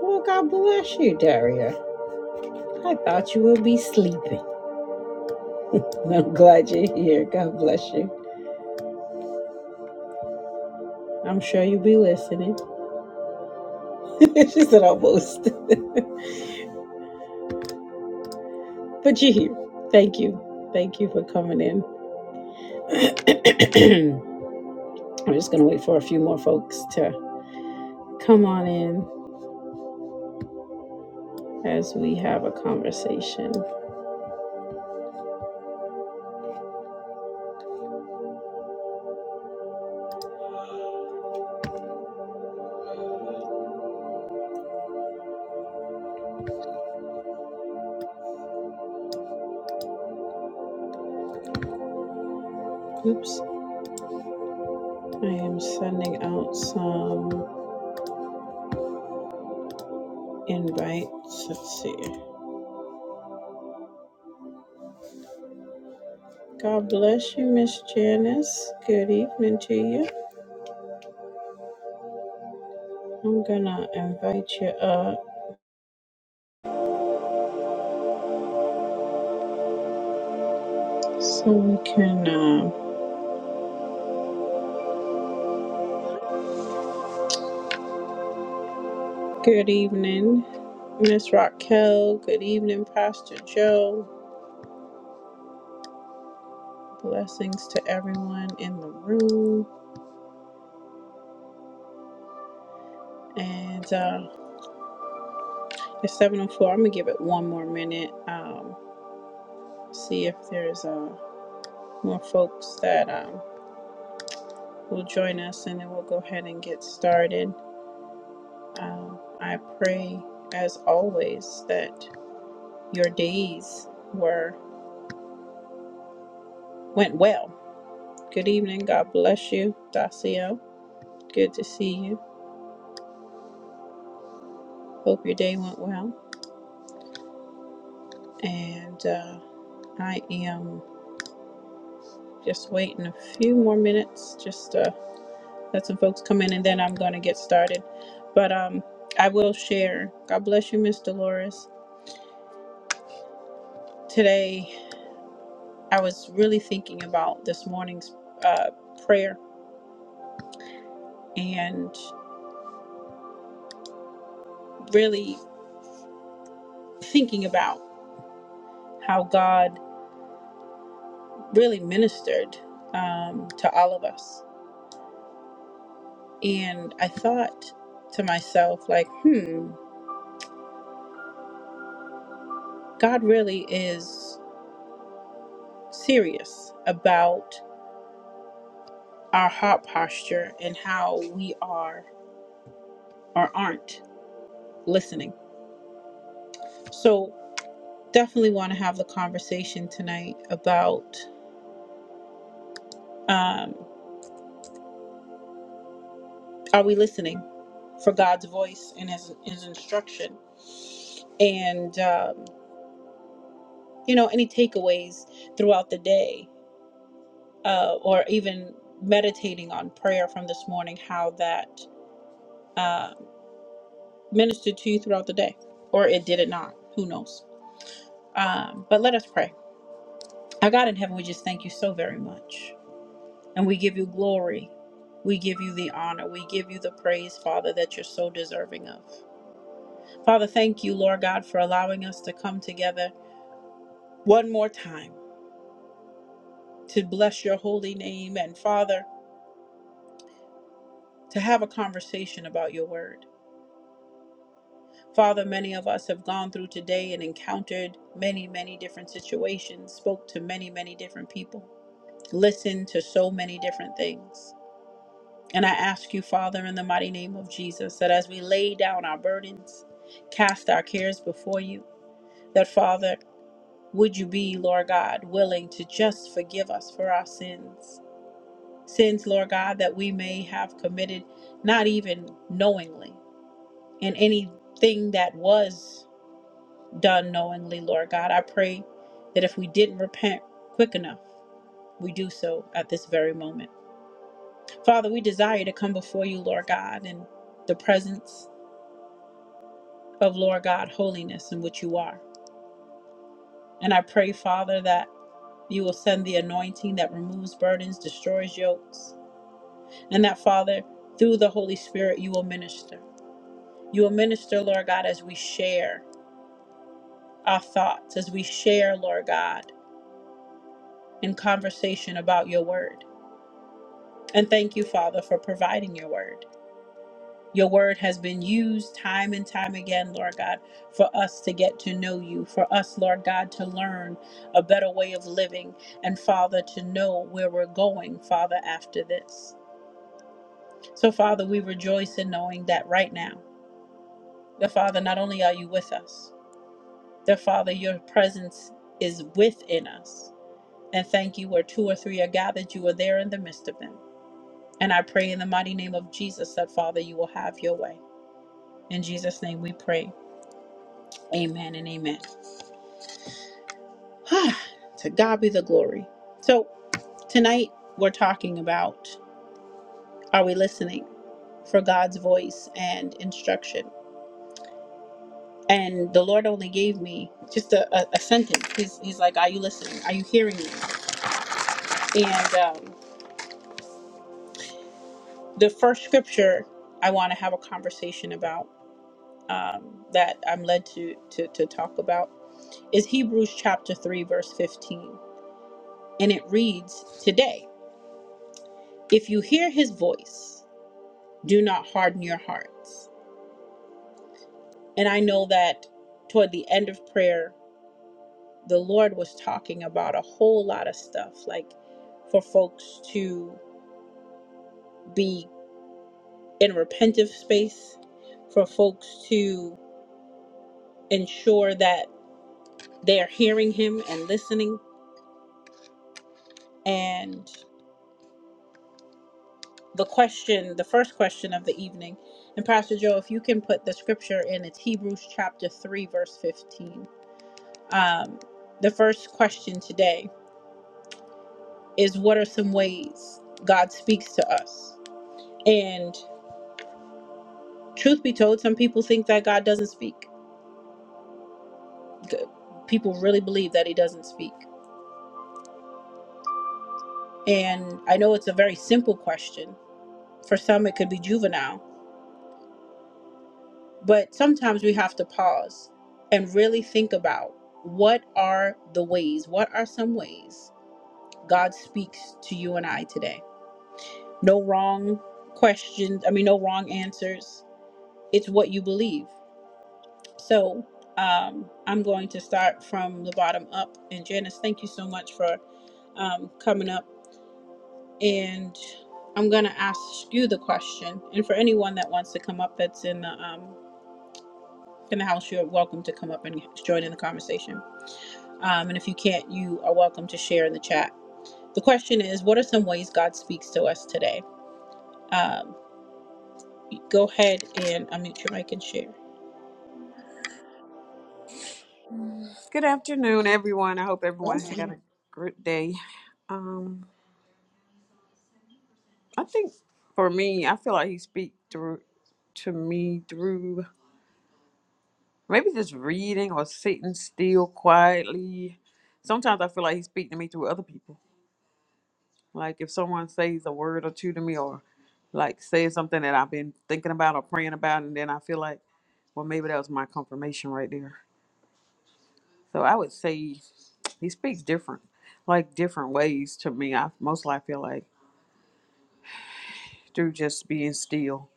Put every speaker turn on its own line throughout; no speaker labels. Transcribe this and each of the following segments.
Well, God bless you, Daria. I thought you would be sleeping. I'm glad you're here. God bless you. I'm sure you'll be listening. she said almost. But you're here. Thank you. Thank you for coming in. I'm just going to wait for a few more folks to come on in as we have a conversation. Oops. I am sending out some invites. Let's see. God bless you, Miss Janice. Good evening to you. I'm gonna invite you up so we can. Uh, good evening, Miss Raquel. Good evening, Pastor Joe. Blessings to everyone in the room. And uh, it's 7:04. I'm gonna give it one more minute. Um, see if there's uh, more folks that um, will join us, and then we'll go ahead and get started. Um, I pray, as always, that your days were went well Good evening. God bless you, Dacio. Good to see you. Hope your day went well. And uh, I am just waiting a few more minutes just to let some folks come in and then I'm going to get started. But um, I will share. God bless you, Miss Dolores. Today, I was really thinking about this morning's uh, prayer and really thinking about how God really ministered um, to all of us And I thought to myself, like, hmm, God really is serious about our heart posture and how we are or aren't listening. So, definitely want to have the conversation tonight about um, are we listening for God's voice and His, his instruction? And, um, you know, any takeaways throughout the day uh, or even meditating on prayer from this morning, how that uh, ministered to you throughout the day, or it did it not. Who knows? Um, but let us pray. Our God in heaven, we just thank you so very much. And we give you glory. We give you the honor. We give you the praise, Father, that you're so deserving of. Father, thank you, Lord God, for allowing us to come together one more time to bless your holy name and, Father, to have a conversation about your word. Father, many of us have gone through today and encountered many, many different situations, spoke to many, many different people. listen to so many different things. And I ask you, Father, in the mighty name of Jesus, that as we lay down our burdens, cast our cares before you, that, Father, would you be, Lord God, willing to just forgive us for our sins? Sins, Lord God, that we may have committed, not even knowingly, and anything that was done knowingly, Lord God. I pray that if we didn't repent quick enough, we do so at this very moment. Father, we desire to come before you, Lord God, in the presence of, Lord God, holiness in which you are. And I pray, Father, that you will send the anointing that removes burdens, destroys yokes, and that, Father, through the Holy Spirit, you will minister. You will minister, Lord God, as we share our thoughts, as we share, Lord God, in conversation about your word. And thank you, Father, for providing your word. Your word has been used time and time again, Lord God, for us to get to know you, for us, Lord God, to learn a better way of living, and Father, to know where we're going, Father, after this. So, Father, we rejoice in knowing that right now, the Father, not only are you with us, the Father, your presence is within us. And thank you, where two or three are gathered, you are there in the midst of them. And I pray in the mighty name of Jesus that, Father, you will have your way. In Jesus' name we pray. Amen and amen. to God be the glory. So, tonight we're talking about are we listening for God's voice and instruction? And the Lord only gave me just a, a, a sentence. He's, he's like, Are you listening? Are you hearing me? And um, the first scripture I want to have a conversation about um, that I'm led to, to, to talk about is Hebrews chapter 3, verse 15. And it reads, Today, if you hear his voice, do not harden your hearts And I know that toward the end of prayer, the Lord was talking about a whole lot of stuff, like for folks to be in a repentive space, for folks to ensure that they're hearing Him and listening. And the question, the first question of the evening, and Pastor Joe, if you can put the scripture in, it's Hebrews chapter 3, verse 15. Um, the first question today is What are some ways God speaks to us? And truth be told, some people think that God doesn't speak. G- People really believe that He doesn't speak. And I know it's a very simple question. For some, it could be juvenile, but sometimes we have to pause and really think about what are the ways, what are some ways God speaks to you and I today? No wrong questions, I mean, no wrong answers. It's what you believe. So, um, I'm going to start from the bottom up. And Janice, thank you so much for um, coming up, and I'm gonna ask you the question. And for anyone that wants to come up, that's in the um, in the house, you're welcome to come up and join in the conversation. Um, and if you can't, you are welcome to share in the chat. The question is, what are some ways God speaks to us today? Um, go ahead and unmute your mic and share.
Good afternoon, everyone. I hope everyone had a great day. Um, I think for me, I feel like he speak through to me through maybe just reading or sitting still quietly. Sometimes I feel like he speak to me through other people. Like if someone says a word or two to me, or like says something that I've been thinking about or praying about, and then I feel like, well, maybe that was my confirmation right there. So I would say he speaks different, like different ways to me. I most likely feel like. through just being still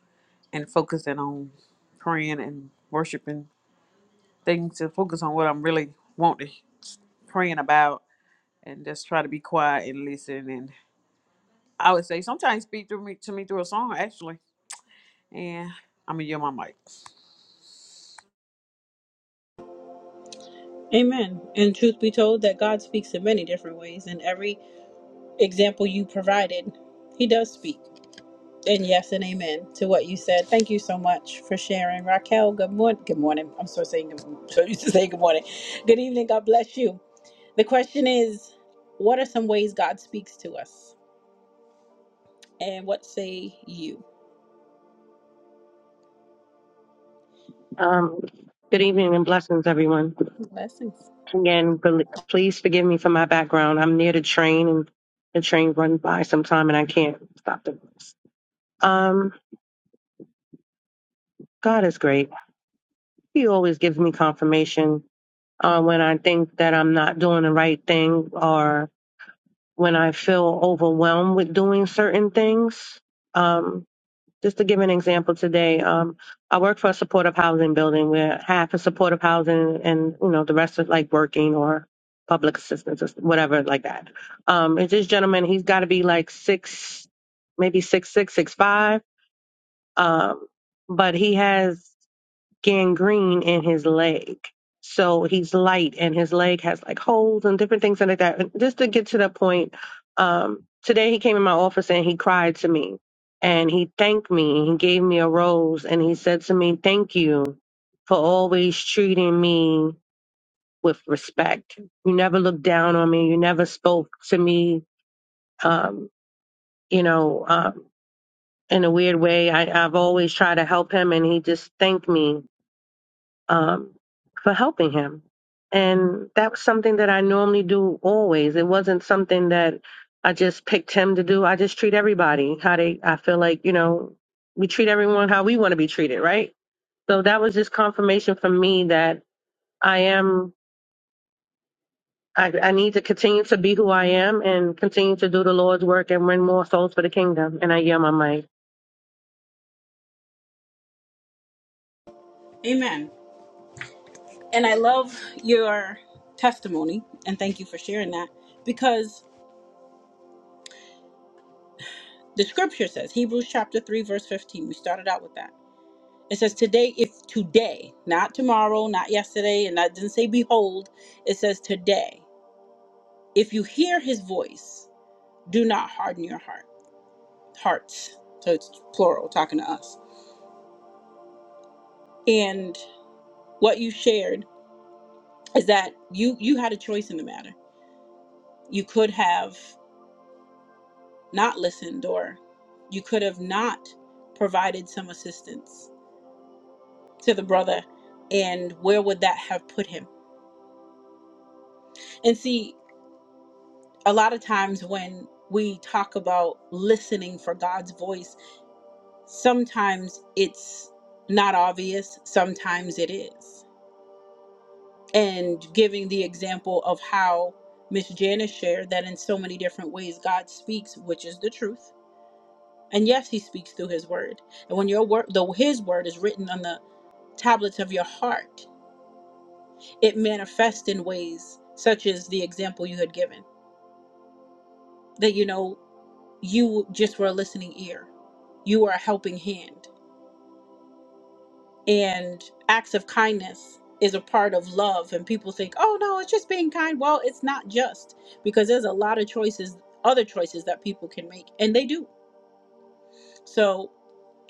and focusing on praying and worshiping things to focus on what I'm really wanting praying about and just try to be quiet and listen and I would say sometimes speak through me to me through a song actually and I'm gonna yell my mic.
Amen. And truth be told, that God speaks in many different ways. In every example you provided, He does speak. And yes and amen to what you said. Thank you so much for sharing. Raquel, good morning. Good morning. I'm so saying good so used to say good morning. Good evening. God bless you. The question is, what are some ways God speaks to us? And what say you?
Um, good evening and blessings, everyone.
Blessings.
Again, bel- please forgive me for my background. I'm near the train, and the train runs by sometime, and I can't stop the bus. Um, God is great. He always gives me confirmation uh, when I think that I'm not doing the right thing, or when I feel overwhelmed with doing certain things. Um, Just to give an example today, um, I work for a supportive housing building where half is supportive housing and, you know, the rest is like working or public assistance or whatever like that. Um, and this gentleman, he's got to be like six, maybe six, six, six, five. Um, but he has gangrene in his leg. So he's light and his leg has like holes and different things like that. And just to get to that point, um, today he came in my office and he cried to me and he thanked me. He gave me a rose and he said to me, Thank you for always treating me with respect. You never looked down on me. You never spoke to me, um, you know, um, in a weird way. I, I've always tried to help him and he just thanked me um, for helping him. And that was something that I normally do always. It wasn't something that I just picked him to do. I just treat everybody how they, I feel like, you know, we treat everyone how we want to be treated, right? So that was just confirmation for me that I am, I, I need to continue to be who I am and continue to do the Lord's work and win more souls for the kingdom. And I yell my mic.
Amen. And I love your testimony and thank you for sharing that because the scripture says Hebrews chapter 3 verse 15. We started out with that. It says today, if today, not tomorrow, not yesterday, and that didn't say behold. It says today. If you hear his voice, do not harden your heart hearts. So it's plural, talking to us. And what you shared is that you you had a choice in the matter. You could have not listened, or you could have not provided some assistance to the brother, and where would that have put him? And see. a lot of times when we talk about listening for God's voice, sometimes it's not obvious, sometimes it is. And giving the example of how Miss Janice shared that in so many different ways God speaks, which is the truth. And yes, he speaks through his word. And when your word though his word is written on the tablets of your heart, it manifests in ways such as the example you had given. That you know you just were a listening ear. You were a helping hand. And acts of kindness is a part of love. And people think, oh, no, it's just being kind. Well, it's not just because there's a lot of choices, other choices that people can make, and they do. So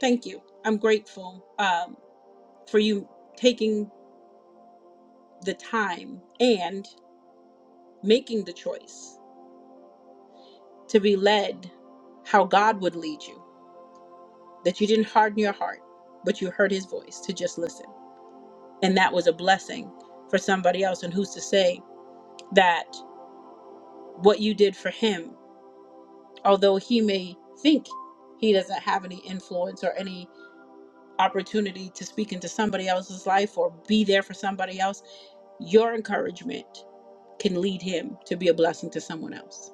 thank you. I'm grateful um, for you taking the time and making the choice to be led how God would lead you, that you didn't harden your heart, but you heard his voice to just listen. and that was a blessing for somebody else and who's to say that what you did for him although he may think he doesn't have any influence or any opportunity to speak into somebody else's life or be there for somebody else your encouragement can lead him to be a blessing to someone else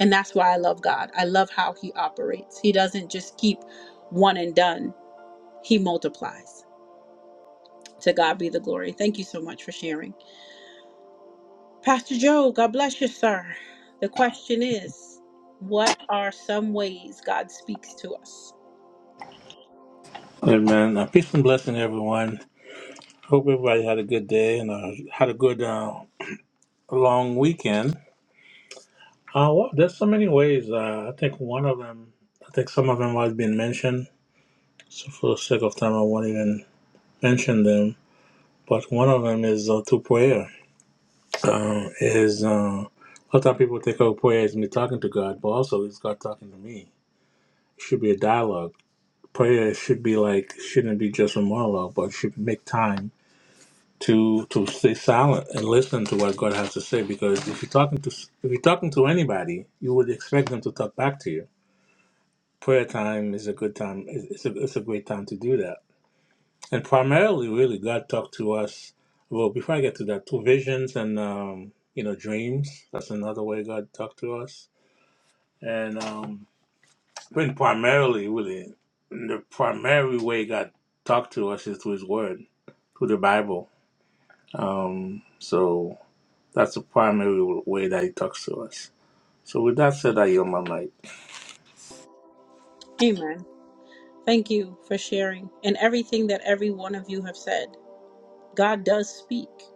and that's why i love god i love how he operates he doesn't just keep one and done he multiplies to god be the glory thank you so much for sharing Pastor Joe, God bless you, sir. The question is, what are some ways God speaks to us?
Amen. Uh, peace and blessing, everyone. Hope everybody had a good day and uh, had a good uh, long weekend. Uh, well, there's so many ways. Uh, I think one of them, I think some of them have been mentioned. So for the sake of time, I won't even mention them. But one of them is uh, through prayer. Uh, is uh, a lot of time people think of prayer as me talking to God, but also it's God talking to me. It should be a dialogue. Prayer should be like shouldn't be just a monologue, but should make time to to stay silent and listen to what God has to say. Because if you're talking to if you're talking to anybody, you would expect them to talk back to you. Prayer time is a good time. It's it's a, it's a great time to do that. And primarily, really, God talked to us. Well, before I get to that, through visions and um, you know dreams. That's another way God talked to us. And um, but primarily, really, the primary way God talked to us is through His Word, through the Bible. Um, so That's the primary way that he talks to us. So with that said, I yield my mic.
Amen. Thank you for sharing and everything that every one of you have said. God does speak.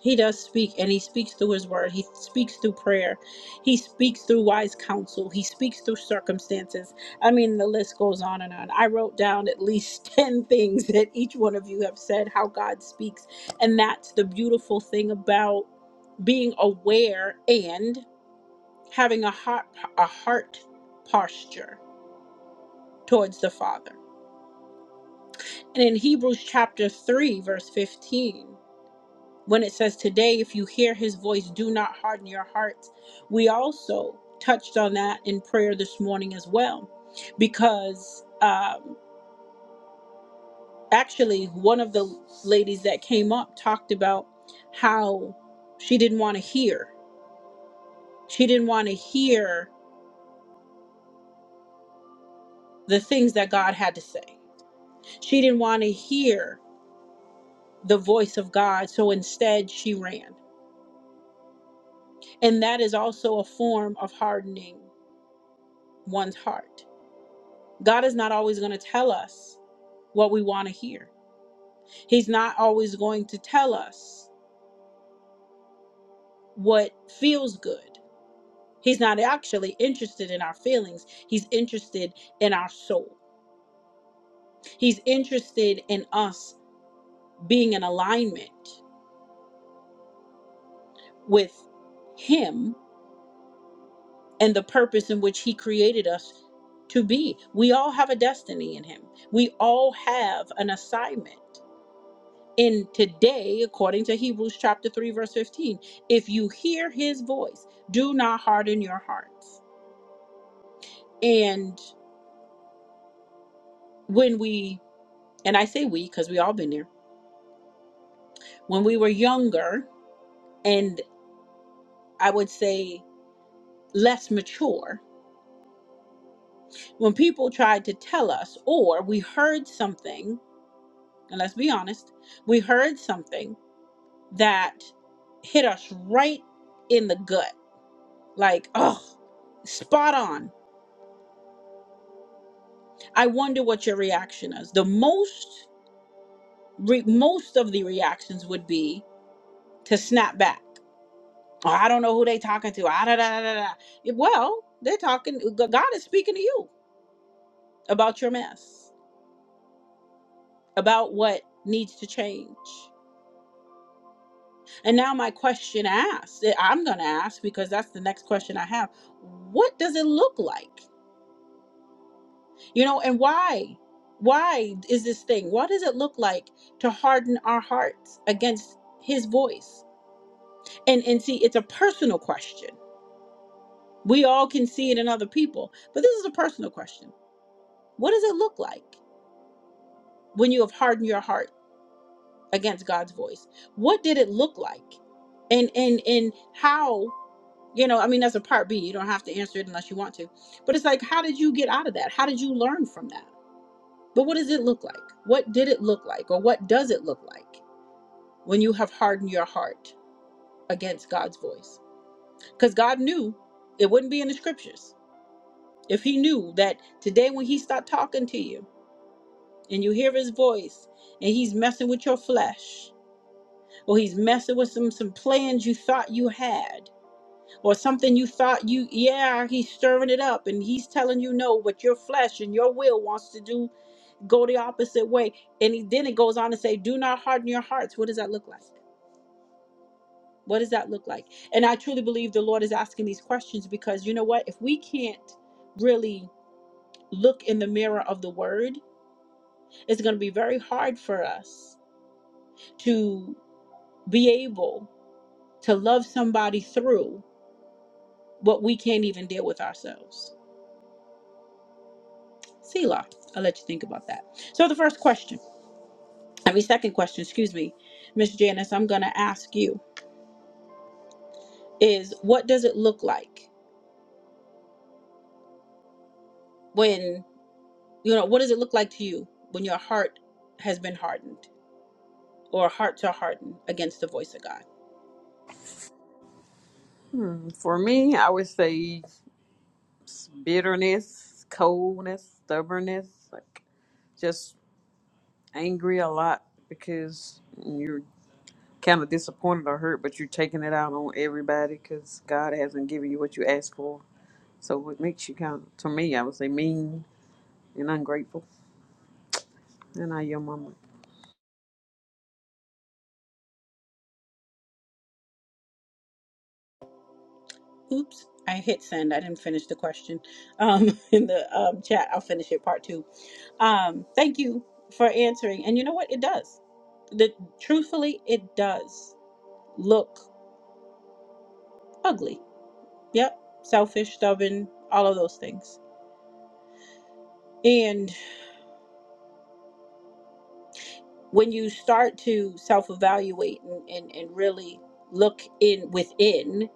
He does speak, and he speaks through his word. He speaks through prayer. He speaks through wise counsel. He speaks through circumstances. I mean, the list goes on and on. I wrote down at least 10 things that each one of you have said how God speaks. And that's the beautiful thing about being aware and having a heart, a heart posture towards the Father. And in Hebrews chapter 3, verse 15, when it says today if you hear his voice do not harden your hearts we also touched on that in prayer this morning as well because um, actually one of the ladies that came up talked about how she didn't want to hear she didn't want to hear the things that god had to say she didn't want to hear the voice of god so instead she ran and that is also a form of hardening one's heart God is not always going to tell us what we want to hear. He's not always going to tell us what feels good. He's not actually interested in our feelings, He's interested in our soul. He's interested in us being in alignment with Him and the purpose in which He created us to be. We all have a destiny in Him, we all have an assignment. in today, according to Hebrews chapter 3, verse 15, if you hear his voice, do not harden your hearts. And when we, and I say we because we all been there, when we were younger and I would say less mature, when people tried to tell us or we heard something, and let's be honest, we heard something that hit us right in the gut, like, oh, spot on I wonder what your reaction is. The most re, most of the reactions would be to snap back. Oh, I don't know who they talking to. Ah, da, da, da, da, da. Well, they're talking. God is speaking to you about your mess, about what needs to change. And now my question asked, that I'm going to ask because that's the next question I have. What does it look like? You know, and why? Why is this thing? What does it look like to harden our hearts against his voice? and and see it's a personal question we all can see it in other people but this is a personal question what does it look like when you have hardened your heart against god's voice what did it look like and and and how you know i mean that's a part b you don't have to answer it unless you want to but it's like how did you get out of that how did you learn from that but what does it look like what did it look like or what does it look like when you have hardened your heart against god's voice because god knew it wouldn't be in the scriptures If he knew that today when he stopped talking to you and you hear his voice and he's messing with your flesh or he's messing with some some plans you thought you had or something you thought you yeah he's stirring it up and he's telling you no but your flesh and your will wants to do go the opposite way and he, then it goes on to say do not harden your hearts what does that look like what does that look like and i truly believe the lord is asking these questions because you know what if we can't really look in the mirror of the word It's going to be very hard for us to be able to love somebody through what we can't even deal with ourselves. Selah, I'll let you think about that. So, the first question, I mean, second question, excuse me, Miss Janice, I'm going to ask you is what does it look like when, you know, what does it look like to you when your heart has been hardened or hearts are hardened against the voice of God?
Hmm, For me, I would say bitterness, coldness, stubbornness, like just angry a lot because you're. kind of disappointed or hurt, but you're taking it out on everybody because God hasn't given you what you asked for. So it makes you kind of, to me, I would say mean and ungrateful. And I, your mama.
Oops, I hit send. I didn't finish the question um, in the um, chat. I'll finish it part two. Um, thank you for answering. And you know what? It does. The, truthfully, it does look ugly. Yep. Selfish, stubborn, all of those things. And when you start to self evaluate and, and, and really look in within,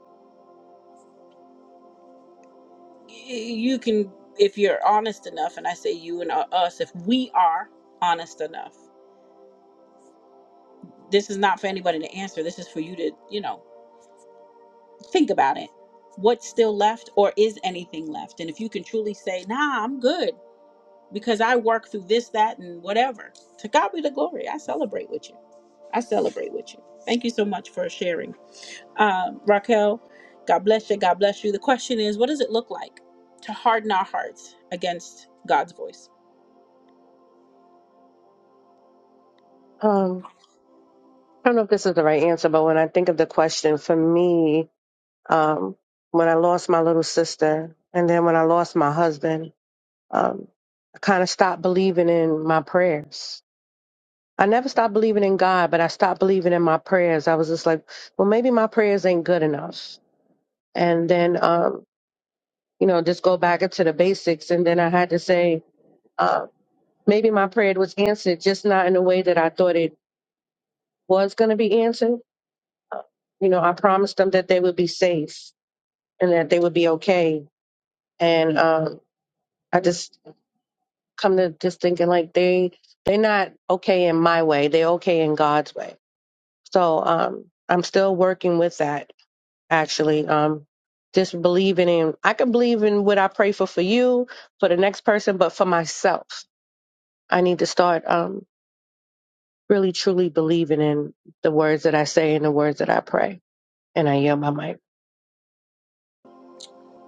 y- you can, if you're honest enough, and I say you and uh, us, if we are honest enough, this is not for anybody to answer. This is for you to, you know. think about it. What's still left, or is anything left? And if you can truly say, nah, I'm good because I work through this, that, and whatever, to God be the glory. I celebrate with you. I celebrate with you. Thank you so much for sharing. Um, Raquel, God bless you. God bless you. The question is, what does it look like to harden our hearts against God's voice?
Um, I don't know if this is the right answer, but when I think of the question, for me, um, when I lost my little sister, and then when I lost my husband, um, I kind of stopped believing in my prayers. I never stopped believing in God, but I stopped believing in my prayers. I was just like, well, maybe my prayers ain't good enough. And then, um, you know, just go back into the basics. And then I had to say, uh, maybe my prayer was answered, just not in the way that I thought it was going to be answered. Uh, You know, I promised them that they would be safe and that they would be okay. And um, I just come to just thinking like they they're not okay in my way they're okay in god's way so um i'm still working with that actually um just believing in i can believe in what i pray for for you for the next person but for myself i need to start um really truly believing in the words that i say and the words that i pray and i yield my mic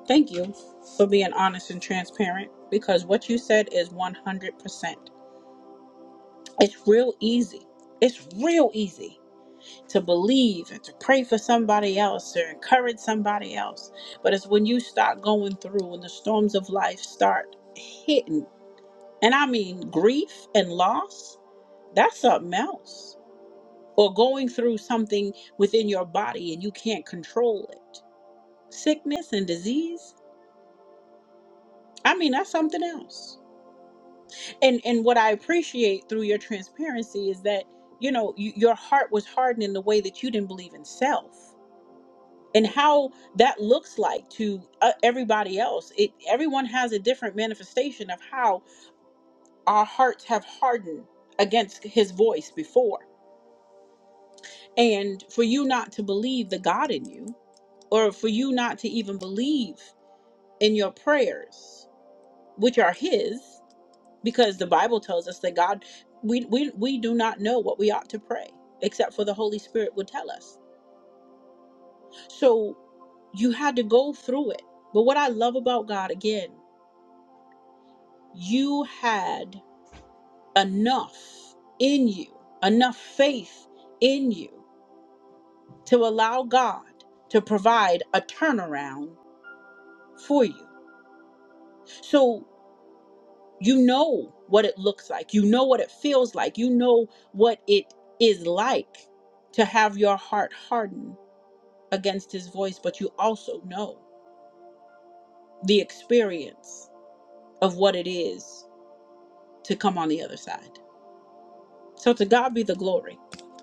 Thank you for being honest and transparent because what you said is 100%. It's real easy. It's real easy to believe and to pray for somebody else or encourage somebody else. But it's when you start going through when the storms of life start hitting, and I mean grief and loss, that's something else. Or going through something within your body and you can't control it. Sickness and disease, I mean, that's something else. And and what I appreciate through your transparency is that, you know, you, your heart was hardened in the way that you didn't believe in self and how that looks like to uh, everybody else. It everyone has a different manifestation of how our hearts have hardened against his voice before. And for you not to believe the God in you or for you not to even believe in your prayers which are his because the Bible tells us that God we we we do not know what we ought to pray except for the Holy Spirit would tell us. So you had to go through it. But what I love about God again you had enough in you, enough faith in you to allow God to provide a turnaround for you. So you know what it looks like, you know what it feels like, you know what it is like to have your heart harden against His voice, but you also know the experience of what it is to come on the other side. So to God be the glory.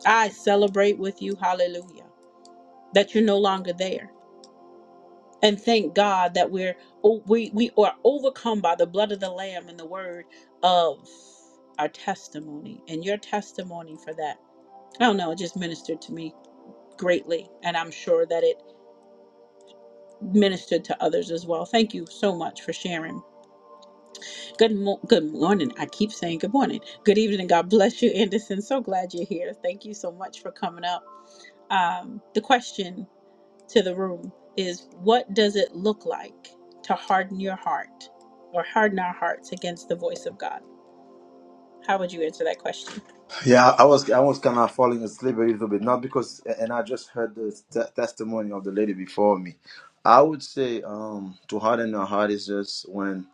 I celebrate with you. Hallelujah. that you're no longer there. And thank God that we're oh, we we are overcome by the blood of the lamb and the word of our testimony and your testimony for that. I don't know, it just ministered to me greatly and I'm sure that it ministered to others as well. Thank you so much for sharing. Good mo- good morning. I keep saying good morning. Good evening. God bless you, Anderson. So glad you're here. Thank you so much for coming up. Um, the question to the room is what does it look like to harden your heart or harden our hearts against the voice of God? How would you answer that question?
Yeah, I was I was kind of falling asleep a little bit, not because, and I just heard the te- testimony of the lady before me. I would say um, to harden your heart is just when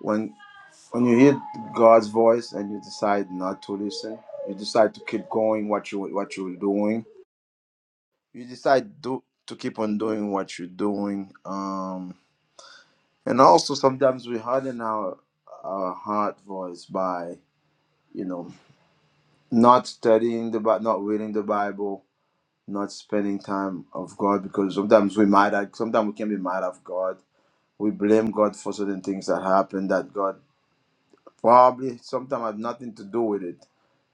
when when you hear God's voice and you decide not to listen, you decide to keep going what you what you're doing, you decide do, to keep on doing what you're doing, um, and also sometimes we harden our our heart voice by you know not studying the Bi- not reading the Bible not spending time of God because sometimes we mad at sometimes we can be mad at God. We blame God for certain things that happen that God probably sometimes had nothing to do with it.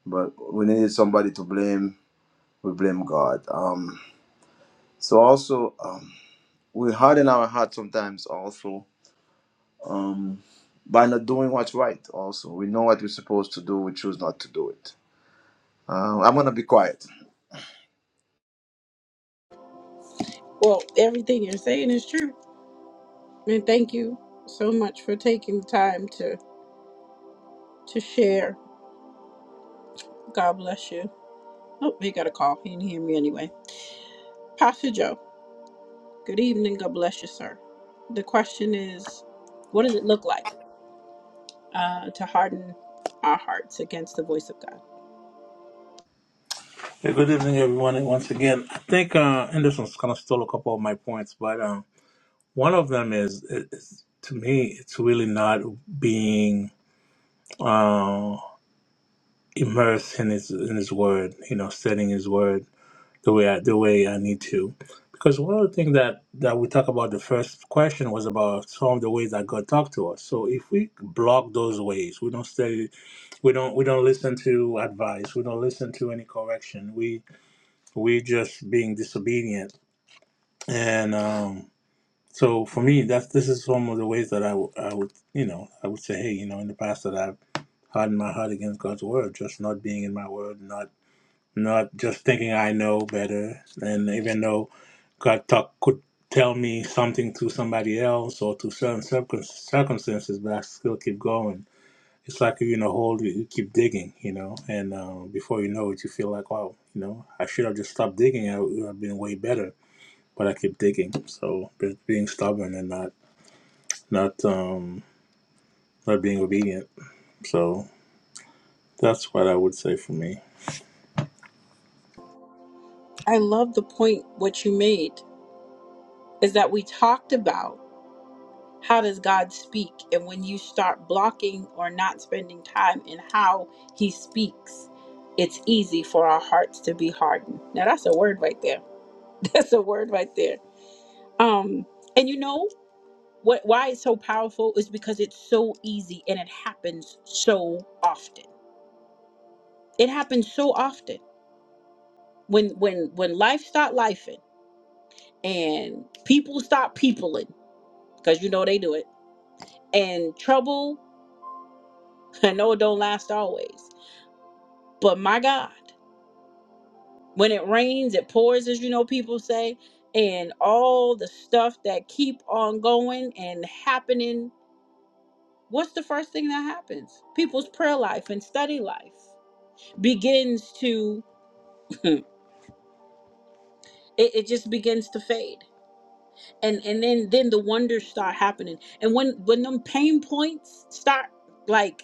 But we needed somebody to blame, we blame God. Um so also um we harden our heart sometimes also um by not doing what's right also. We know what we're supposed to do, we choose not to do it. Uh, I'm gonna be quiet.
Well, everything you're saying is true. And thank you so much for taking the time to to share. God bless you. Oh, he got a call. He didn't hear me anyway. Pastor Joe, good evening. God bless you, sir. The question is, what does it look like? uh, to harden our hearts against the voice of God.
Hey, good evening, everyone. And once again, I think uh, Anderson's kind of stole a couple of my points, but um, one of them is, is to me, it's really not being uh, immersed in his in his word. You know, studying his word the way I, the way I need to. Because one of the things that, that we talked about the first question was about some of the ways that God talked to us. So if we block those ways, we don't study we don't we don't listen to advice we don't listen to any correction we we just being disobedient and um so for me that's this is one of the ways that I w- I would you know i would say hey you know in the past that i've hardened my heart against god's word just not being in my word not not just thinking i know better and even though god talk could tell me something through somebody else or through certain circum- circumstances but i still keep going it's like you're in a hole you you keep digging you know and uh, before you know it you feel like wow you know i should have just stopped digging i would have been way better but i keep digging so be- being stubborn and not not um not being obedient so that's what i would say for me
I love the point what you made is that we talked about how does God speak? And when you start blocking or not spending time in how He speaks, it's easy for our hearts to be hardened. Now that's a word right there. That's a word right there. Um, and you know what? Why it's so powerful is because it's so easy and it happens so often. It happens so often when when when life start lifing and people stop peopling because you know they do it and trouble. I know it don't last always But my God, when it rains, it pours, as you know, people say, and all the stuff that keep on going and happening. What's the first thing that happens? People's prayer life and study life begins to it, it just begins to fade and and then then the wonders start happening and when when them pain points start like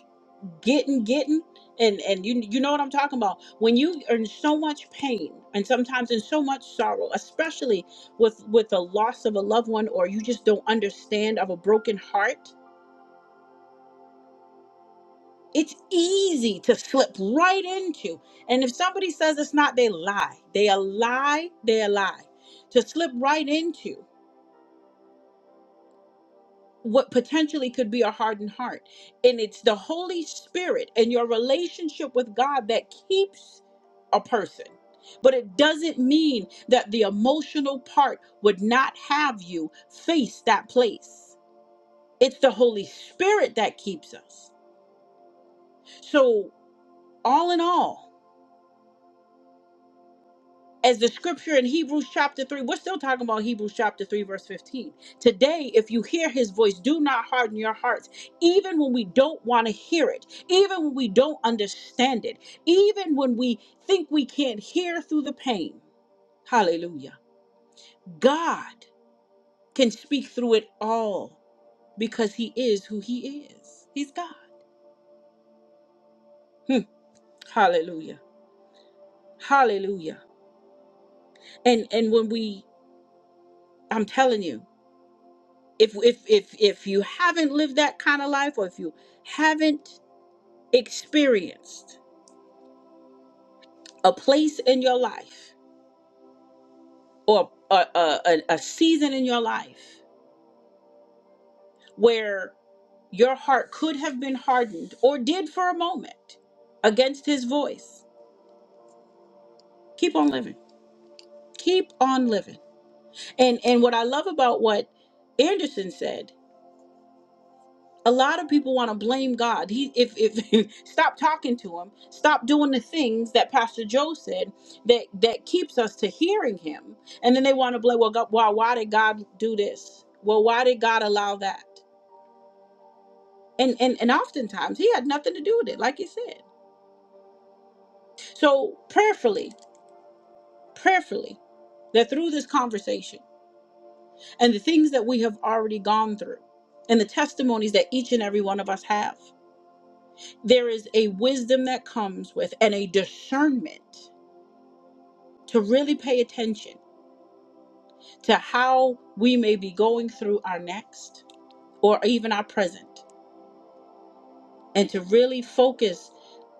getting getting and and you you know what I'm talking about when you are in so much pain and sometimes in so much sorrow especially with with the loss of a loved one or you just don't understand of a broken heart it's easy to slip right into and if somebody says it's not they lie they a lie they a lie to slip right into what potentially could be a hardened heart. And it's the Holy Spirit and your relationship with God that keeps a person. But it doesn't mean that the emotional part would not have you face that place. It's the Holy Spirit that keeps us. So, all in all, as the scripture in Hebrews chapter 3, we're still talking about Hebrews chapter 3, verse 15. Today, if you hear his voice, do not harden your hearts, even when we don't want to hear it, even when we don't understand it, even when we think we can't hear through the pain. Hallelujah. God can speak through it all because he is who he is. He's God. Hmm. Hallelujah. Hallelujah. And and when we I'm telling you, if if if if you haven't lived that kind of life or if you haven't experienced a place in your life or a, a, a a season in your life where your heart could have been hardened or did for a moment against his voice keep on living keep on living and and what i love about what anderson said a lot of people want to blame God. He if if stop talking to him, stop doing the things that Pastor Joe said that that keeps us to hearing him. And then they want to blame well God, why why did God do this? Well, why did God allow that? And and and oftentimes he had nothing to do with it, like you said. So prayerfully, prayerfully, that through this conversation and the things that we have already gone through and the testimonies that each and every one of us have. there is a wisdom that comes with and a discernment to really pay attention to how we may be going through our next or even our present and to really focus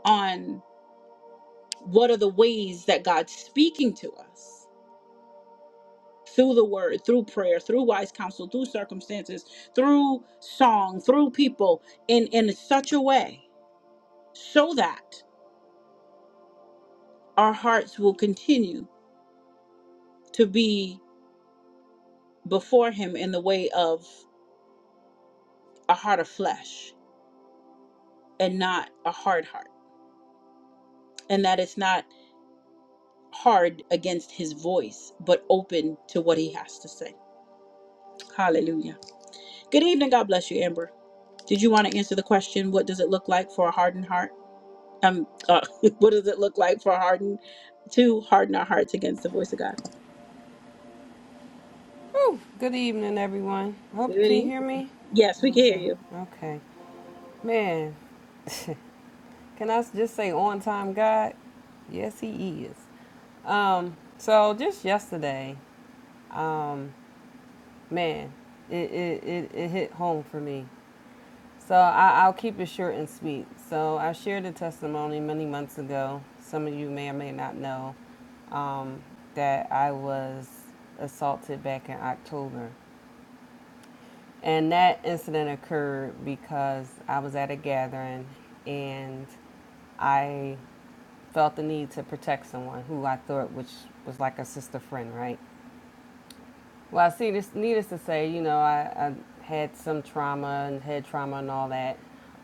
on what are the ways that God's speaking to us through the word, through prayer, through wise counsel, through circumstances, through song, through people in in such a way so that our hearts will continue to be before him in the way of a heart of flesh and not a hard heart, and that it's not hard against his voice, but open to what he has to say. Hallelujah. Good evening. God bless you, Amber. Did you want to answer the question? What does it look like for a hardened heart? Um, uh, what does it look like for a hardened to harden our hearts against the voice of God?
Whew, good evening, everyone. I Hope
Good
can you
evening.
hear me?
Yes,
I
we
hope
can hear
so.
you.
Okay, man. Can I just say on time, God? Yes, He is. Um. So just yesterday, man, it it it, it hit home for me. So I, I'll keep it short and sweet. So I shared a testimony many months ago. Some of you may or may not know um, that I was assaulted back in October. And that incident occurred because I was at a gathering and I felt the need to protect someone who I thought which was like a sister friend, right? Well, I see this needless to say, you know, I, I had some trauma and head trauma and all that.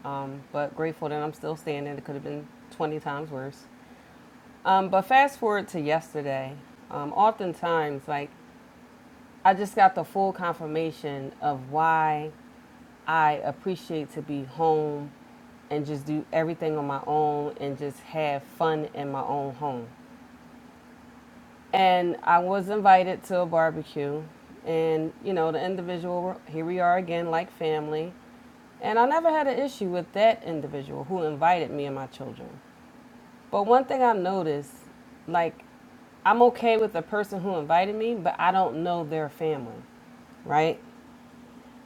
Um, but grateful that I'm still standing. It could have been 20 times worse. Um, but fast forward to yesterday. Um, oftentimes, like I just got the full confirmation of why I appreciate to be home and just do everything on my own and just have fun in my own home. And I was invited to a barbecue, and you know, the individual, here we are again, like family. And I never had an issue with that individual who invited me and my children. But one thing I noticed, like, I'm okay with the person who invited me, but I don't know their family, right?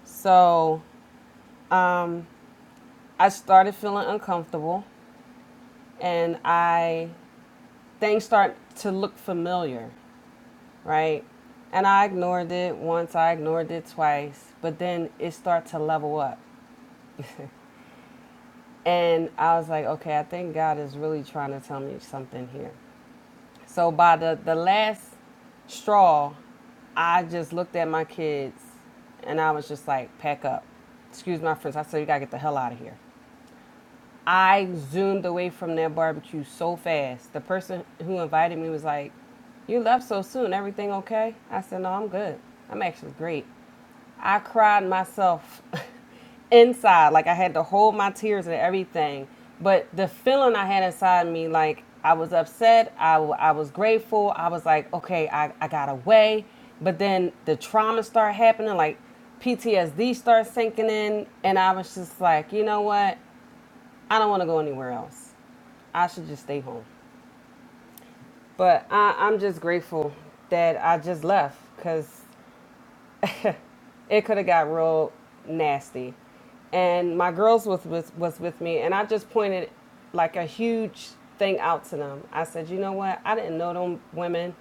So I started feeling uncomfortable and I things start to look familiar, right? And I ignored it once, I ignored it twice, but then it started to level up. And I was like, okay, I think God is really trying to tell me something here. So by the, the last straw, I just looked at my kids and I was just like, pack up. Excuse my friends. I said, you gotta get the hell out of here. I zoomed away from that barbecue so fast. The person who invited me was like, You left so soon. Everything okay? I said, No, I'm good. I'm actually great. I cried myself inside. Like I had to hold my tears and everything. But the feeling I had inside me, like I was upset, I, w- I was grateful. I was like, okay, I, I got away. But then the trauma started happening, like PTSD started sinking in. And I was just like, you know what? I don't want to go anywhere else. I should just stay home. But I, I'm just grateful that I just left because it could have got real nasty. And my girls was, was was with me, and I just pointed like a huge thing out to them. I said, you know what? I didn't know them women.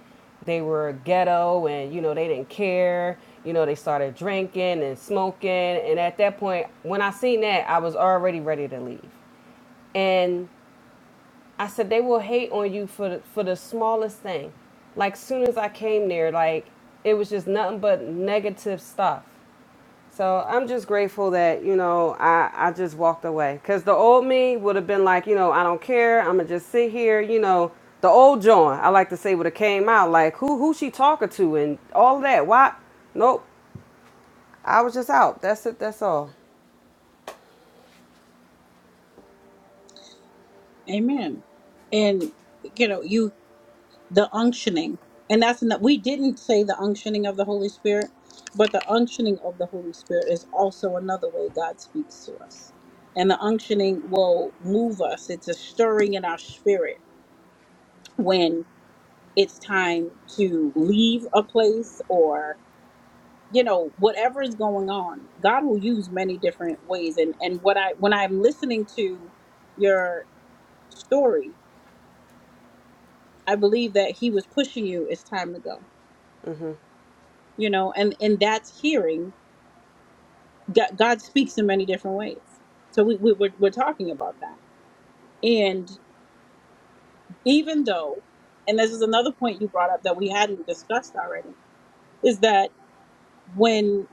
They were ghetto, and you know they didn't care. You know they started drinking and smoking, and at that point, when I seen that, I was already ready to leave. And I said they will hate on you for the, for the smallest thing. Like soon as I came there, like it was just nothing but negative stuff. So I'm just grateful that you know I I just walked away because the old me would have been like you know I don't care I'm gonna just sit here you know the old John I like to say would have came out like who who she talking to and all that why nope I was just out that's it that's all.
Amen. And you know, you the unctioning and that's not, we didn't say the unctioning of the holy spirit but the unctioning of the holy spirit is also another way god speaks to us and the unctioning will move us it's a stirring in our spirit when it's time to leave a place or you know whatever is going on god will use many different ways and and what i when i'm listening to your story i believe that he was pushing you it's time to go you know and and that's hearing god, god speaks in many different ways so we, we we're, we're talking about that and even though and this is another point you brought up that we hadn't discussed already is that when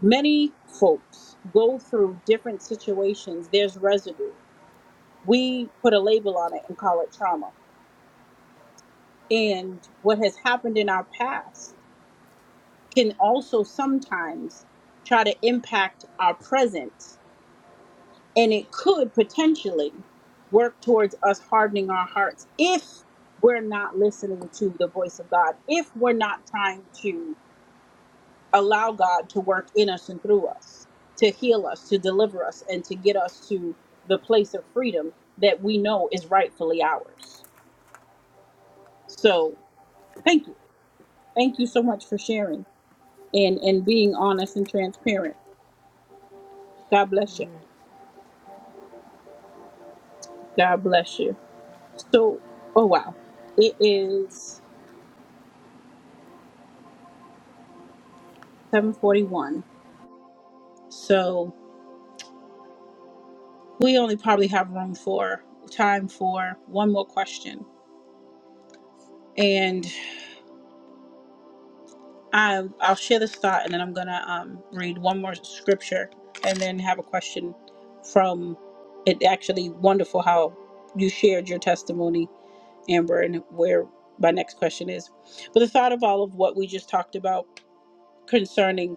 many folks go through different situations there's residue we put a label on it and call it trauma and what has happened in our past can also sometimes try to impact our present and it could potentially work towards us hardening our hearts if we're not listening to the voice of God, if we're not trying to allow God to work in us and through us, to heal us, to deliver us, and to get us to the place of freedom that we know is rightfully ours. So, thank you. Thank you so much for sharing and, and being honest and transparent. God bless you. God bless you. So, oh wow. It is 741. So we only probably have room for time for one more question. And I, I'll share this thought and then I'm going to um, read one more scripture and then have a question from it. Actually, wonderful how you shared your testimony, Amber, and where my next question is. But the thought of all of what we just talked about concerning,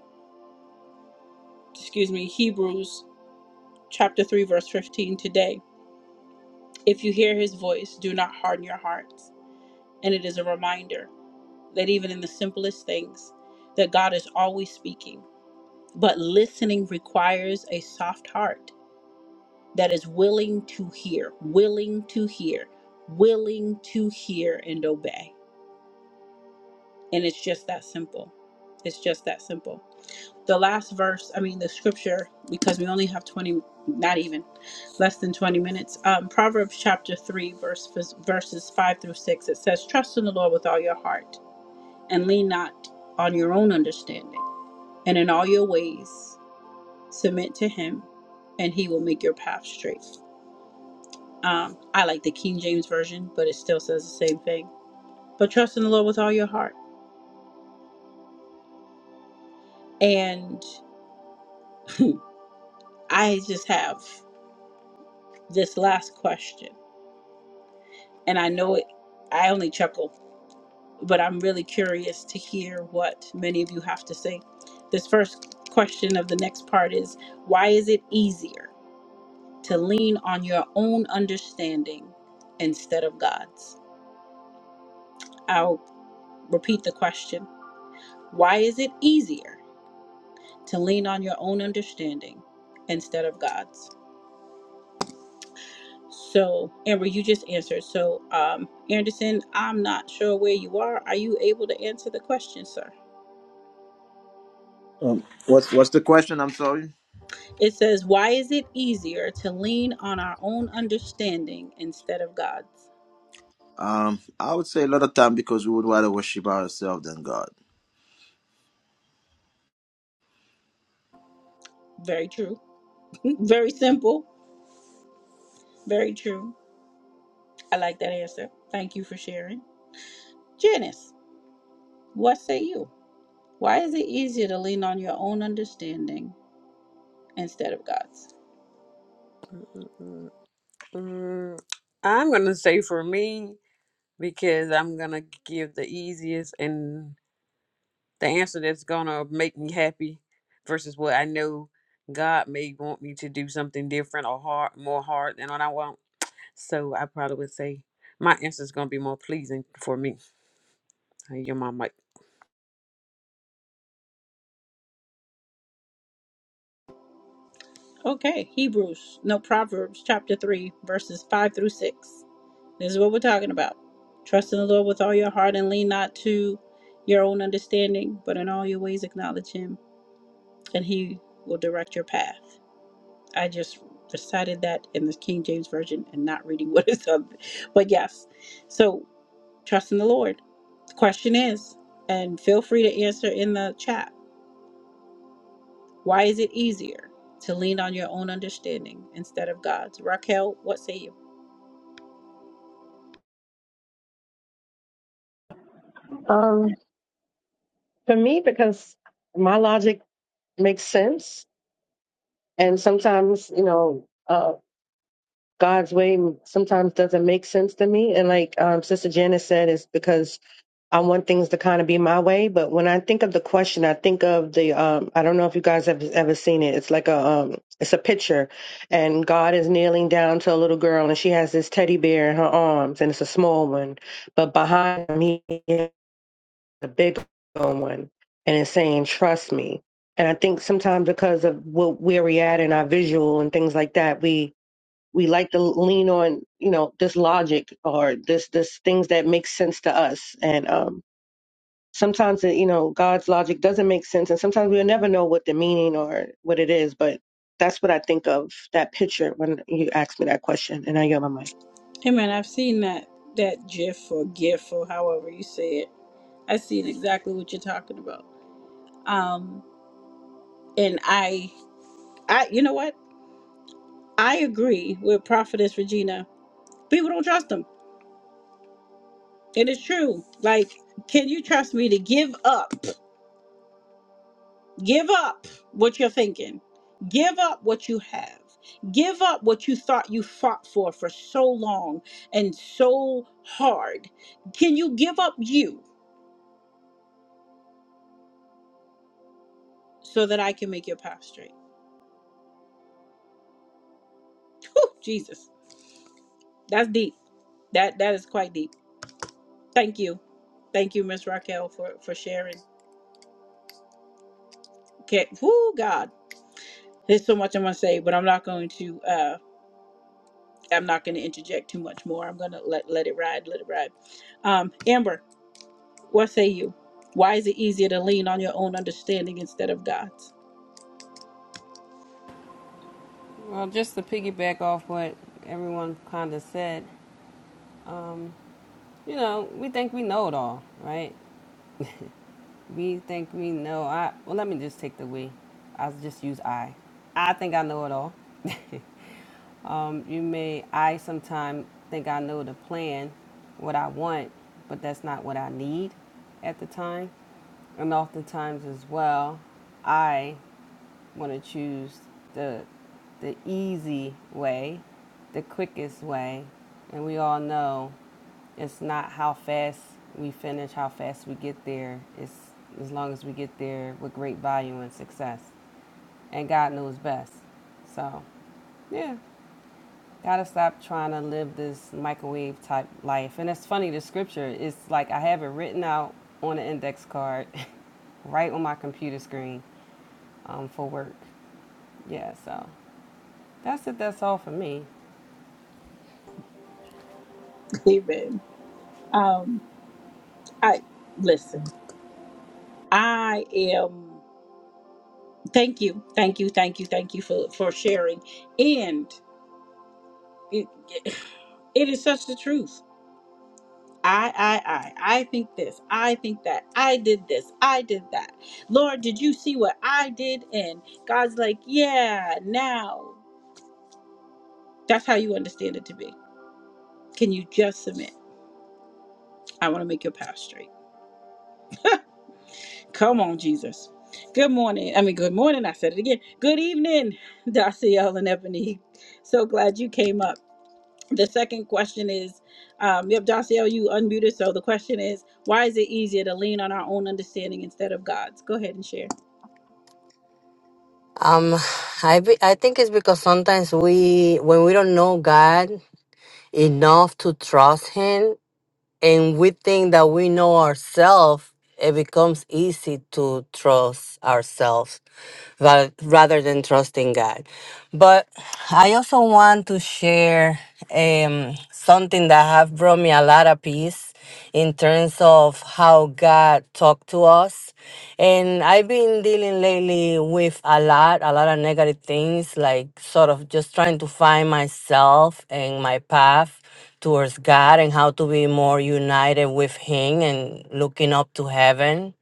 excuse me, Hebrews chapter 3, verse 15 today. If you hear his voice, do not harden your hearts. And it is a reminder that even in the simplest things that God is always speaking. But listening requires a soft heart that is willing to hear, willing to hear, willing to hear and obey. And it's just that simple. It's just that simple. The last verse, I mean the scripture because we only have 20 not even less than 20 minutes. Um, Proverbs chapter 3 verse verses 5 through 6 it says trust in the Lord with all your heart and lean not on your own understanding and in all your ways submit to him and he will make your path straight um, i like the king james version but it still says the same thing but trust in the lord with all your heart and i just have this last question and i know it i only chuckle but i'm really curious to hear what many of you have to say this first question of the next part is why is it easier to lean on your own understanding instead of god's I'll Repeat the question Why is it easier to lean on your own understanding instead of God's? So, Amber, you just answered. So, um, Anderson, I'm not sure where you are. Are you able to answer the question, sir?
Um, what's what's the question? I'm sorry.
It says, Why is it easier to lean on our own understanding instead of God's?
Um, I would say a lot of time because we would rather worship ourselves than God.
Very true. very simple. Very true. I like that answer. Thank you for sharing. Janice, what say you? Why is it easier to lean on your own understanding instead of God's.
Mm, mm. I'm going to say for me, because I'm going to give the easiest and the answer that's going to make me happy versus what I know God may want me to do something different or hard, more hard than what I want. So I probably would say my answer is going to be more pleasing for me. Your mama.
Okay, Hebrews, no, Proverbs chapter 3, verses 5 through 6. This is what we're talking about. Trust in the Lord with all your heart and lean not to your own understanding, but in all your ways acknowledge Him. and he will direct your path. I just recited that in the King James Version and not reading what is up. But yes, so trust in the Lord. The question is, and feel free to answer in the chat, why is it easier to lean on your own understanding instead of God's? Raquel, what say you?
um for me because my logic makes sense and sometimes you know Um, God's way sometimes doesn't make sense to me. And like um, Sister Janice said, it's because I want things to kind of be my way. But when I think of the question, I think of the um, I don't know if you guys have ever seen it. It's like a um, it's a picture, and God is kneeling down to a little girl, and she has this teddy bear in her arms, and it's a small one. But behind me, is a big one, and it's saying, "Trust me." And I think sometimes because of what, where we're at in our visual and things like that, we we like to lean on you know this logic or this this things that make sense to us and um sometimes you know god's logic doesn't make sense and sometimes we'll never know what the meaning or what it is but that's what i think of that picture when you ask me that question and i get my mic
Hey man, I've seen that that GIF or GIF or however you say it. I've seen exactly what you're talking about. Um, and I, I, you know what? I agree with Prophetess Regina People don't trust them. And it's true. Like, can you trust me to give up? Give up what you're thinking. Give up what you have. Give up what you thought you fought for for so long and so hard. Can you give up you so that I can make your path straight? Whew, Jesus. That's deep. That that is quite deep. Thank you. Thank you, Miss Raquel, for for sharing. Okay. Whoo, God. There's so much I'm gonna say, but I'm not going to. uh, I'm not going to interject too much more. I'm going to let let it ride, let it ride. Um, Amber, what say you? Why is it easier to lean on your own understanding instead of God's?
Well, just to piggyback off what everyone kind of said, you know, we think we know it all, right? We think we know. I well, let me just take the we. I'll just use I. I think I know it all. um, you may I sometimes think I know the plan, what I want, but that's not what I need at the time, and oftentimes as well, I want to choose the the easy way, the quickest way, and we all know it's not how fast we finish, how fast we get there. It's as long as we get there with great value and success, and God knows best. So, yeah, gotta stop trying to live this microwave type life. And it's funny, the scripture is like I have it written out on an index card, right on my computer screen, um, for work. Yeah, so that's it. That's all for me.
Amen. Um, I listen. I am. Thank you, thank you, thank you, thank you for for sharing. And it it is such the truth. I I I I think this. I think that. I did this. I did that. Lord, did you see what I did? And God's like, yeah, now. That's how you understand it to be. Can you just submit? I want to make your path straight. Come on, Jesus. Good morning. I mean, good morning. I said it again. Good evening, Daciel and Ebony. So glad you came up. The second question is, um, yep, Daciel, you unmuted. So the question is, why is it easier to lean on our own understanding instead of God's? Go ahead and share.
Um, I be, I think it's because sometimes we when we don't know God enough to trust Him, and we think that we know ourselves, it becomes easy to trust ourselves ra- rather than trusting God. But I also want to share um, something that have brought me a lot of peace in terms of how God talked to us. And I've been dealing lately with a lot, a lot of negative things, like sort of just trying to find myself and my path towards God and how to be more united with Him and looking up to heaven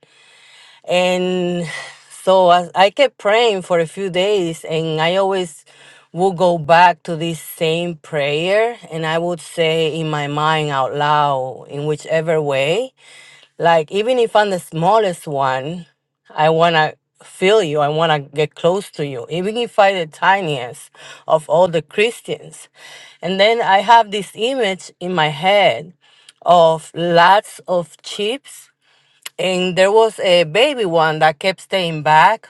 and so as I kept praying for a few days, and I always would go back to this same prayer, and I would say in my mind out loud, in whichever way, like even if I'm the smallest one, I wanna feel you, I wanna get close to you, even if I'm the tiniest of all the Christians. And then I have this image in my head of lots of sheep and there was a baby one that kept staying back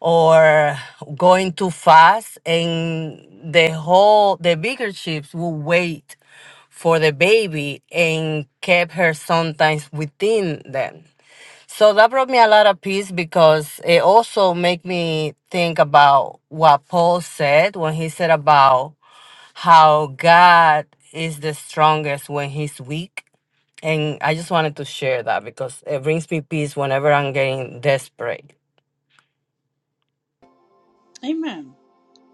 or going too fast and the whole the bigger ships would wait for the baby and kept her sometimes within them so that brought me a lot of peace because it also made me think about what paul said when he said about how god is the strongest when he's weak and I just wanted to share that because it brings me peace whenever I'm getting desperate.
Amen.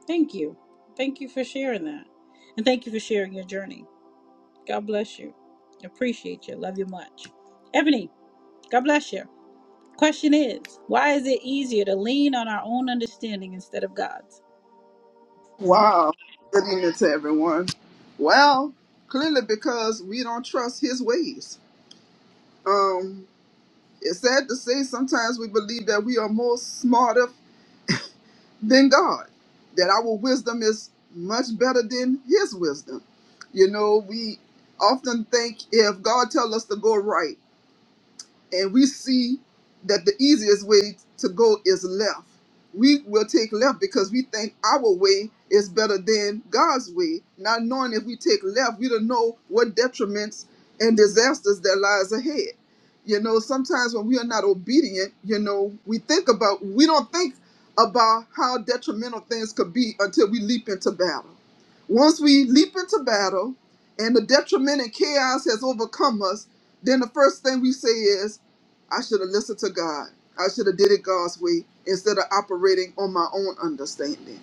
Thank you. Thank you for sharing that. And thank you for sharing your journey. God bless you. Appreciate you. Love you much. Ebony, God bless you. Question is why is it easier to lean on our own understanding instead of God's?
Wow. Good evening to everyone. Well, clearly because we don't trust his ways. Um, it's sad to say sometimes we believe that we are more smarter than God, that our wisdom is much better than his wisdom. You know, we often think if God tells us to go right, and we see that the easiest way to go is left. We will take left because we think our way is better than God's way. Not knowing if we take left, we don't know what detriments and disasters that lies ahead. You know, sometimes when we are not obedient, you know, we think about we don't think about how detrimental things could be until we leap into battle. Once we leap into battle and the detriment and chaos has overcome us, then the first thing we say is, I should have listened to God. I should have did it God's way instead of operating on my own understanding.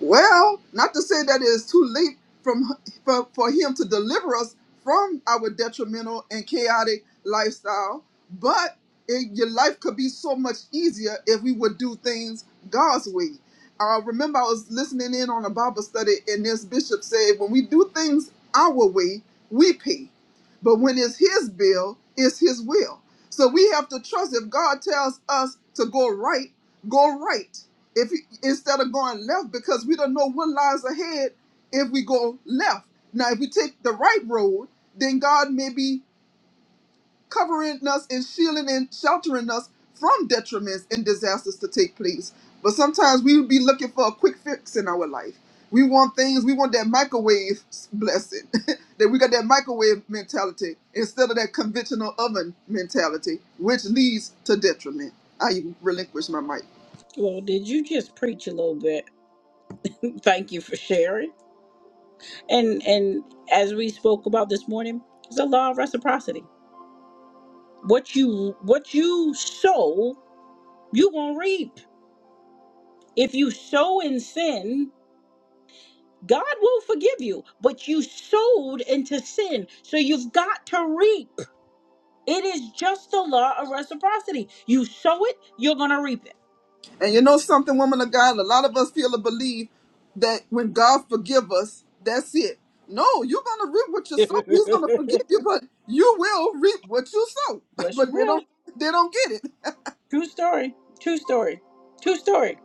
Well, not to say that it is too late from for, for him to deliver us from our detrimental and chaotic lifestyle, but it, your life could be so much easier if we would do things God's way. I remember I was listening in on a Bible study, and this bishop said, when we do things our way, we pay. But when it's his bill, it's his will. So we have to trust if God tells us to go right, go right. If he- instead of going left, because we don't know what lies ahead if we go left. Now, if we take the right road, then God may be covering us and shielding and sheltering us from detriments and disasters to take place. But sometimes we would be looking for a quick fix in our life. We want things, we want that microwave blessing, that we got that microwave mentality instead of that conventional oven mentality, which leads to detriment. I relinquish my mic.
Well, did you just preach a little bit? Thank you for sharing. And and as we spoke about this morning, it's a law of reciprocity. What you what you sow, you gonna reap. If you sow in sin, God will forgive you, but you sowed into sin. So you've got to reap. It is just the law of reciprocity. You sow it, you're going to reap it.
And you know something, woman of God, a lot of us feel or believe that when God forgive us, that's it. No, you're gonna reap what you sow. He's gonna forgive you, but you will reap what you sow.
yes, you
But they don't
will.
they don't get it.
True story. True story. True story.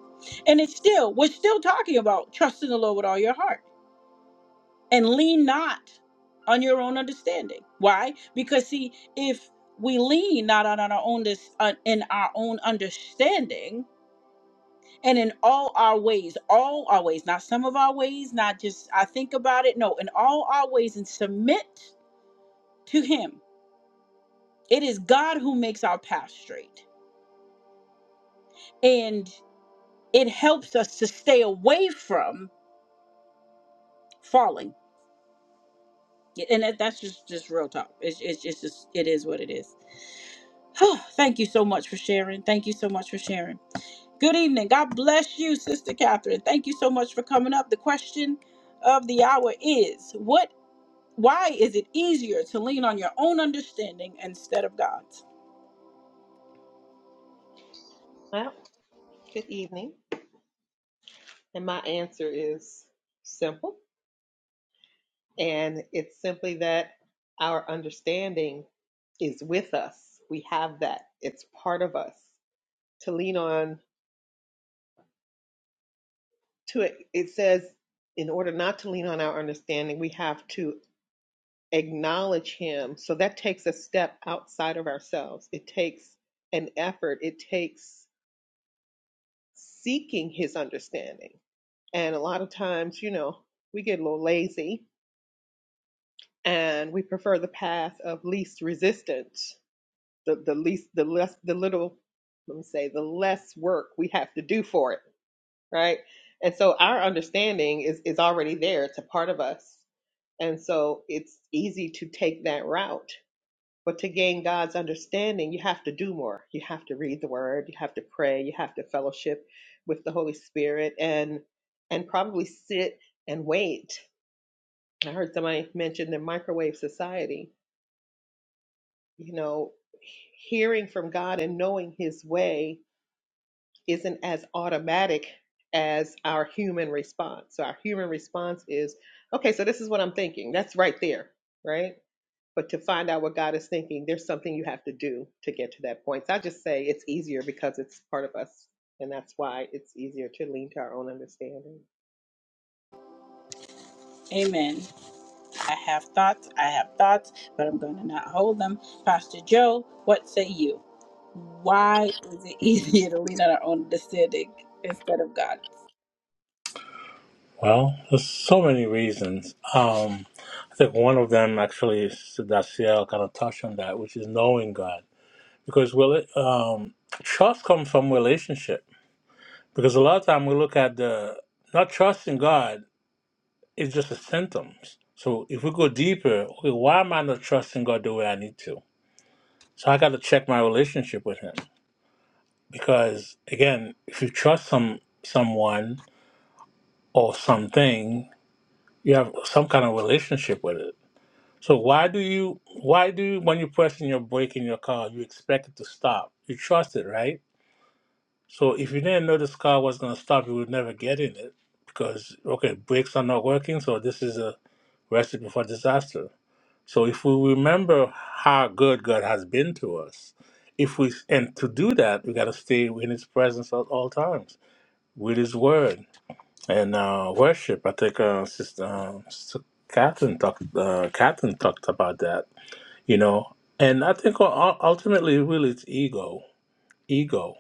And it's still, we're still talking about trusting the Lord with all your heart and lean not on your own understanding. Why? Because, see, if we lean not on our own, dis- on- in our own understanding, and in all our ways, all our ways, not some of our ways, not just I think about it. No, in all our ways and submit to Him. It is God who makes our path straight, and it helps us to stay away from falling. Yeah, And that, that's just just real talk. It's it's it's just it is what it is. Oh, Thank you so much for sharing. Thank you so much for sharing. Good evening. God bless you, Sister Catherine. Thank you so much for coming up. The question of the hour is what Why is it easier to lean on your own understanding instead of God's?
Well, good evening. And my answer is simple. And it's simply that our understanding is with us. We have that, it's part of us to lean on to it. It says, in order not to lean on our understanding, we have to acknowledge Him. So that takes a step outside of ourselves. It takes an effort, it takes seeking His understanding. And a lot of times, you know, we get a little lazy and we prefer the path of least resistance the, the least the less the little let me say the less work we have to do for it right and so our understanding is is already there it's a part of us and so it's easy to take that route but to gain god's understanding you have to do more you have to read the word you have to pray you have to fellowship with the holy spirit and and probably sit and wait i heard somebody mention the microwave society you know, hearing from God and knowing His way isn't as automatic as our human response. So, our human response is, okay, so this is what I'm thinking. That's right there, right? But to find out what God is thinking, there's something you have to do to get to that point. So, I just say it's easier because it's part of us. And that's why it's easier to lean to our own understanding.
Amen. I have thoughts, I have thoughts, but I'm going to not hold them. Pastor Joe, what say you? Why is it easier to lean on our own understanding instead of God?
well there's so many reasons um i think one of them actually is that CL kind of touched on that which is knowing god because will it um trust comes from relationship because a lot of time we look at the not trusting god It's just the symptoms. So if we go deeper, okay, why am I not trusting God the way I need to? So I got to check my relationship with Him because again, if you trust some someone or something, you have some kind of relationship with it. So why do you why do you, when you're pressing your brake in your car, you expect it to stop? You trust it, right? So if you didn't know this car was gonna stop, you would never get in it because okay, brakes are not working, so this is a recipe for disaster. So if we remember how good God has been to us, if we and to do that, we got to stay in His presence at all times with His Word and uh, worship. I think uh, Sister um, Sister Catherine talked uh, Catherine talked about that, you know. And I think u- u- ultimately, really, it's ego, ego,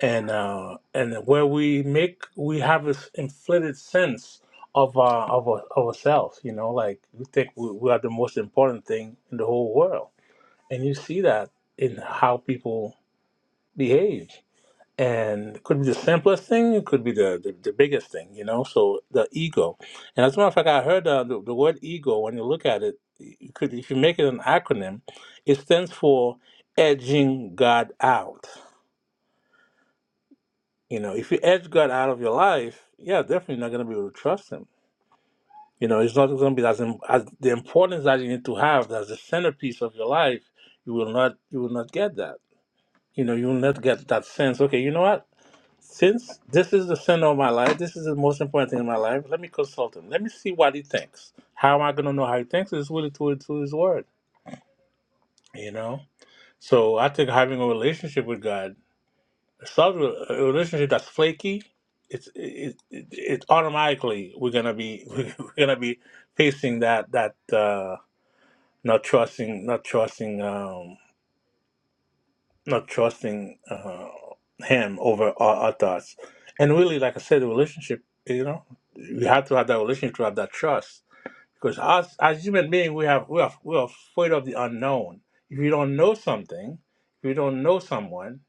and uh, and where we make we have this inflated sense of our of our, of ourselves, you know, like we think we, we are the most important thing in the whole world and you see that in how people behave. And it could be the simplest thing, it could be the, the, the biggest thing, you know? So the ego. And as a matter of fact, I heard uh, the, the word ego, when you look at it, you could, if you make it an acronym, it stands for edging God out. You know, if you edge God out of your life, yeah, definitely not going to be able to trust Him. You know, it's not going to be as, im- as the importance that you need to have as the centerpiece of your life. You will not, you will not get that You know, you'll never get that sense. Okay, you know what? Since this is the center of my life, this is the most important thing in my life. Let me consult him. Let me see what he thinks. How am I gonna know how he thinks? It's really through through his word. You know. So I think having a relationship with God, a solid re- a relationship that's flaky, it's it, it, it automatically we're gonna be we're gonna be facing that that uh, not trusting not trusting. um, not trusting uh, him over our, our thoughts. And really, like I said, the relationship, you know, we have to have that relationship to have that trust. Because us, as human beings, we have we are we are afraid of the unknown. If you don't know something, if you don't know someone,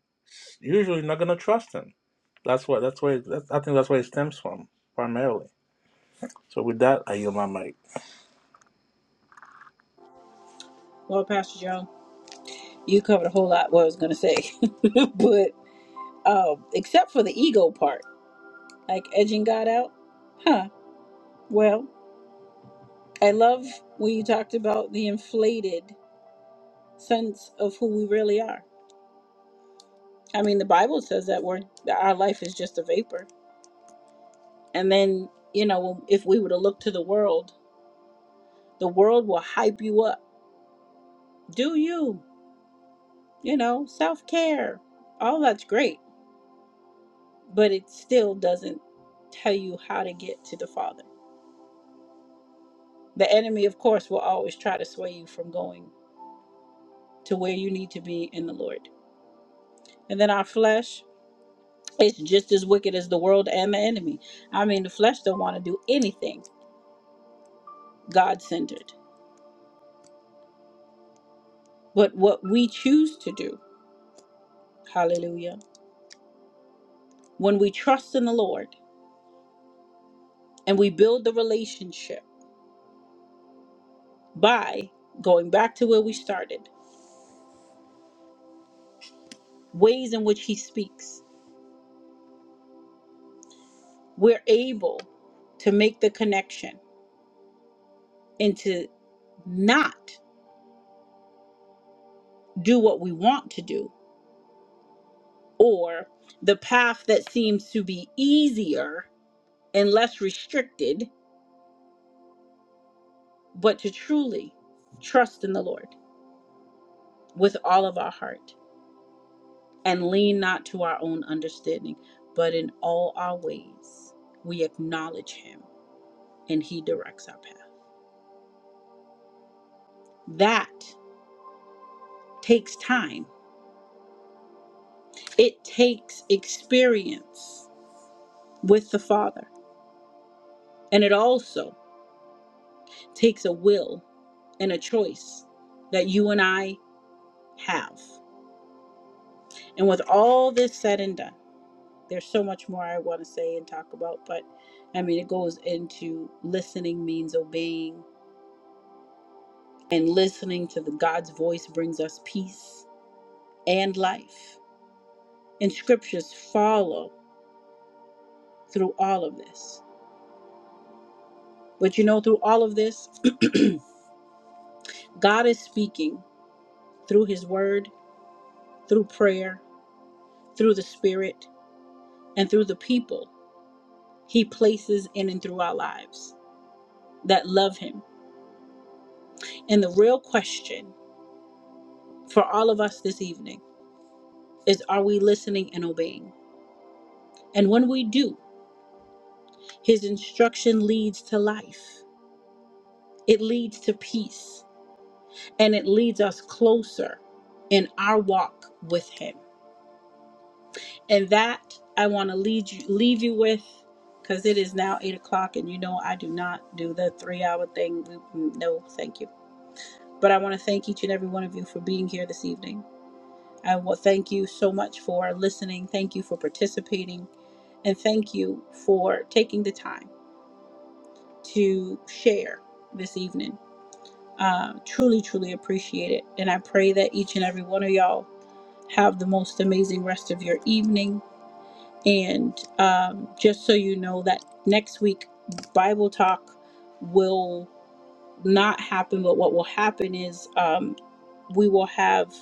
usually you're not gonna trust them. That's what that's where it, that's, I think that's where it stems from primarily. So with that, I yield my mic.
Well, Pastor Joe, you covered a whole lot what I was going to say, but um, except for the ego part, like edging God out, huh? Well, I love when you talked about the inflated sense of who we really are. I mean, the Bible says that we're that our life is just a vapor And then, you know, if we were to look to the world, the world will hype you up. Do you, you know, self care. All that's great. But it still doesn't tell you how to get to the Father. The enemy, of course, will always try to sway you from going to where you need to be in the Lord. And then our flesh, it's just as wicked as the world and the enemy. I mean, the flesh don't want to do anything God centered. But what we choose to do, hallelujah, when we trust in the Lord, and we build the relationship by going back to where we started ways in which he speaks we're able to make the connection and to not do what we want to do or the path that seems to be easier and less restricted but to truly trust in the lord with all of our heart and lean not to our own understanding but in all our ways we acknowledge him and he directs our path That takes time, it takes experience with the Father, and it also takes a will and a choice that you and I have. And with all this said and done, there's so much more I want to say and talk about, but I mean, it goes into listening means obeying, and listening to the God's voice brings us peace and life. And scriptures follow through all of this. But you know, through all of this, God is speaking through His Word, through prayer, through the Spirit, and through the people He places in and through our lives that love Him. And the real question for all of us this evening is are we listening and obeying? And when we do, His instruction leads to life, it leads to peace, and it leads us closer in our walk with Him. And that I want to lead you, leave you with because it is now eight o'clock, and you know I do not do the three hour thing. We- we- No, thank you. But I want to thank each and every one of you for being here this evening. I want thank you so much for listening. Thank you for participating, and thank you for taking the time to share this evening. Uh, truly, truly appreciate it, and I pray that each and every one of y'all have the most amazing rest of your evening And um, just so you know, that next week Bible talk will not happen, but what will happen is um, we will have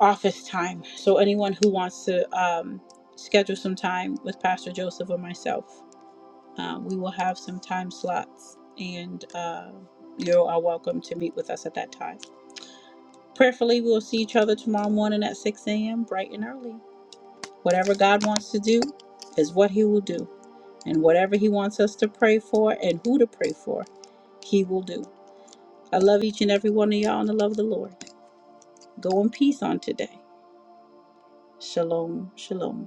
office time. So anyone who wants to um, schedule some time with Pastor Joseph or myself, um, we will have some time slots, and uh, you are welcome to meet with us at that time. Prayerfully, we will see each other tomorrow morning at 6 a.m. bright and early. Whatever God wants to do is what He will do. And whatever He wants us to pray for and who to pray for, He will do. I love each and every one of y'all in the love of the Lord. Go in peace on today. Shalom, shalom.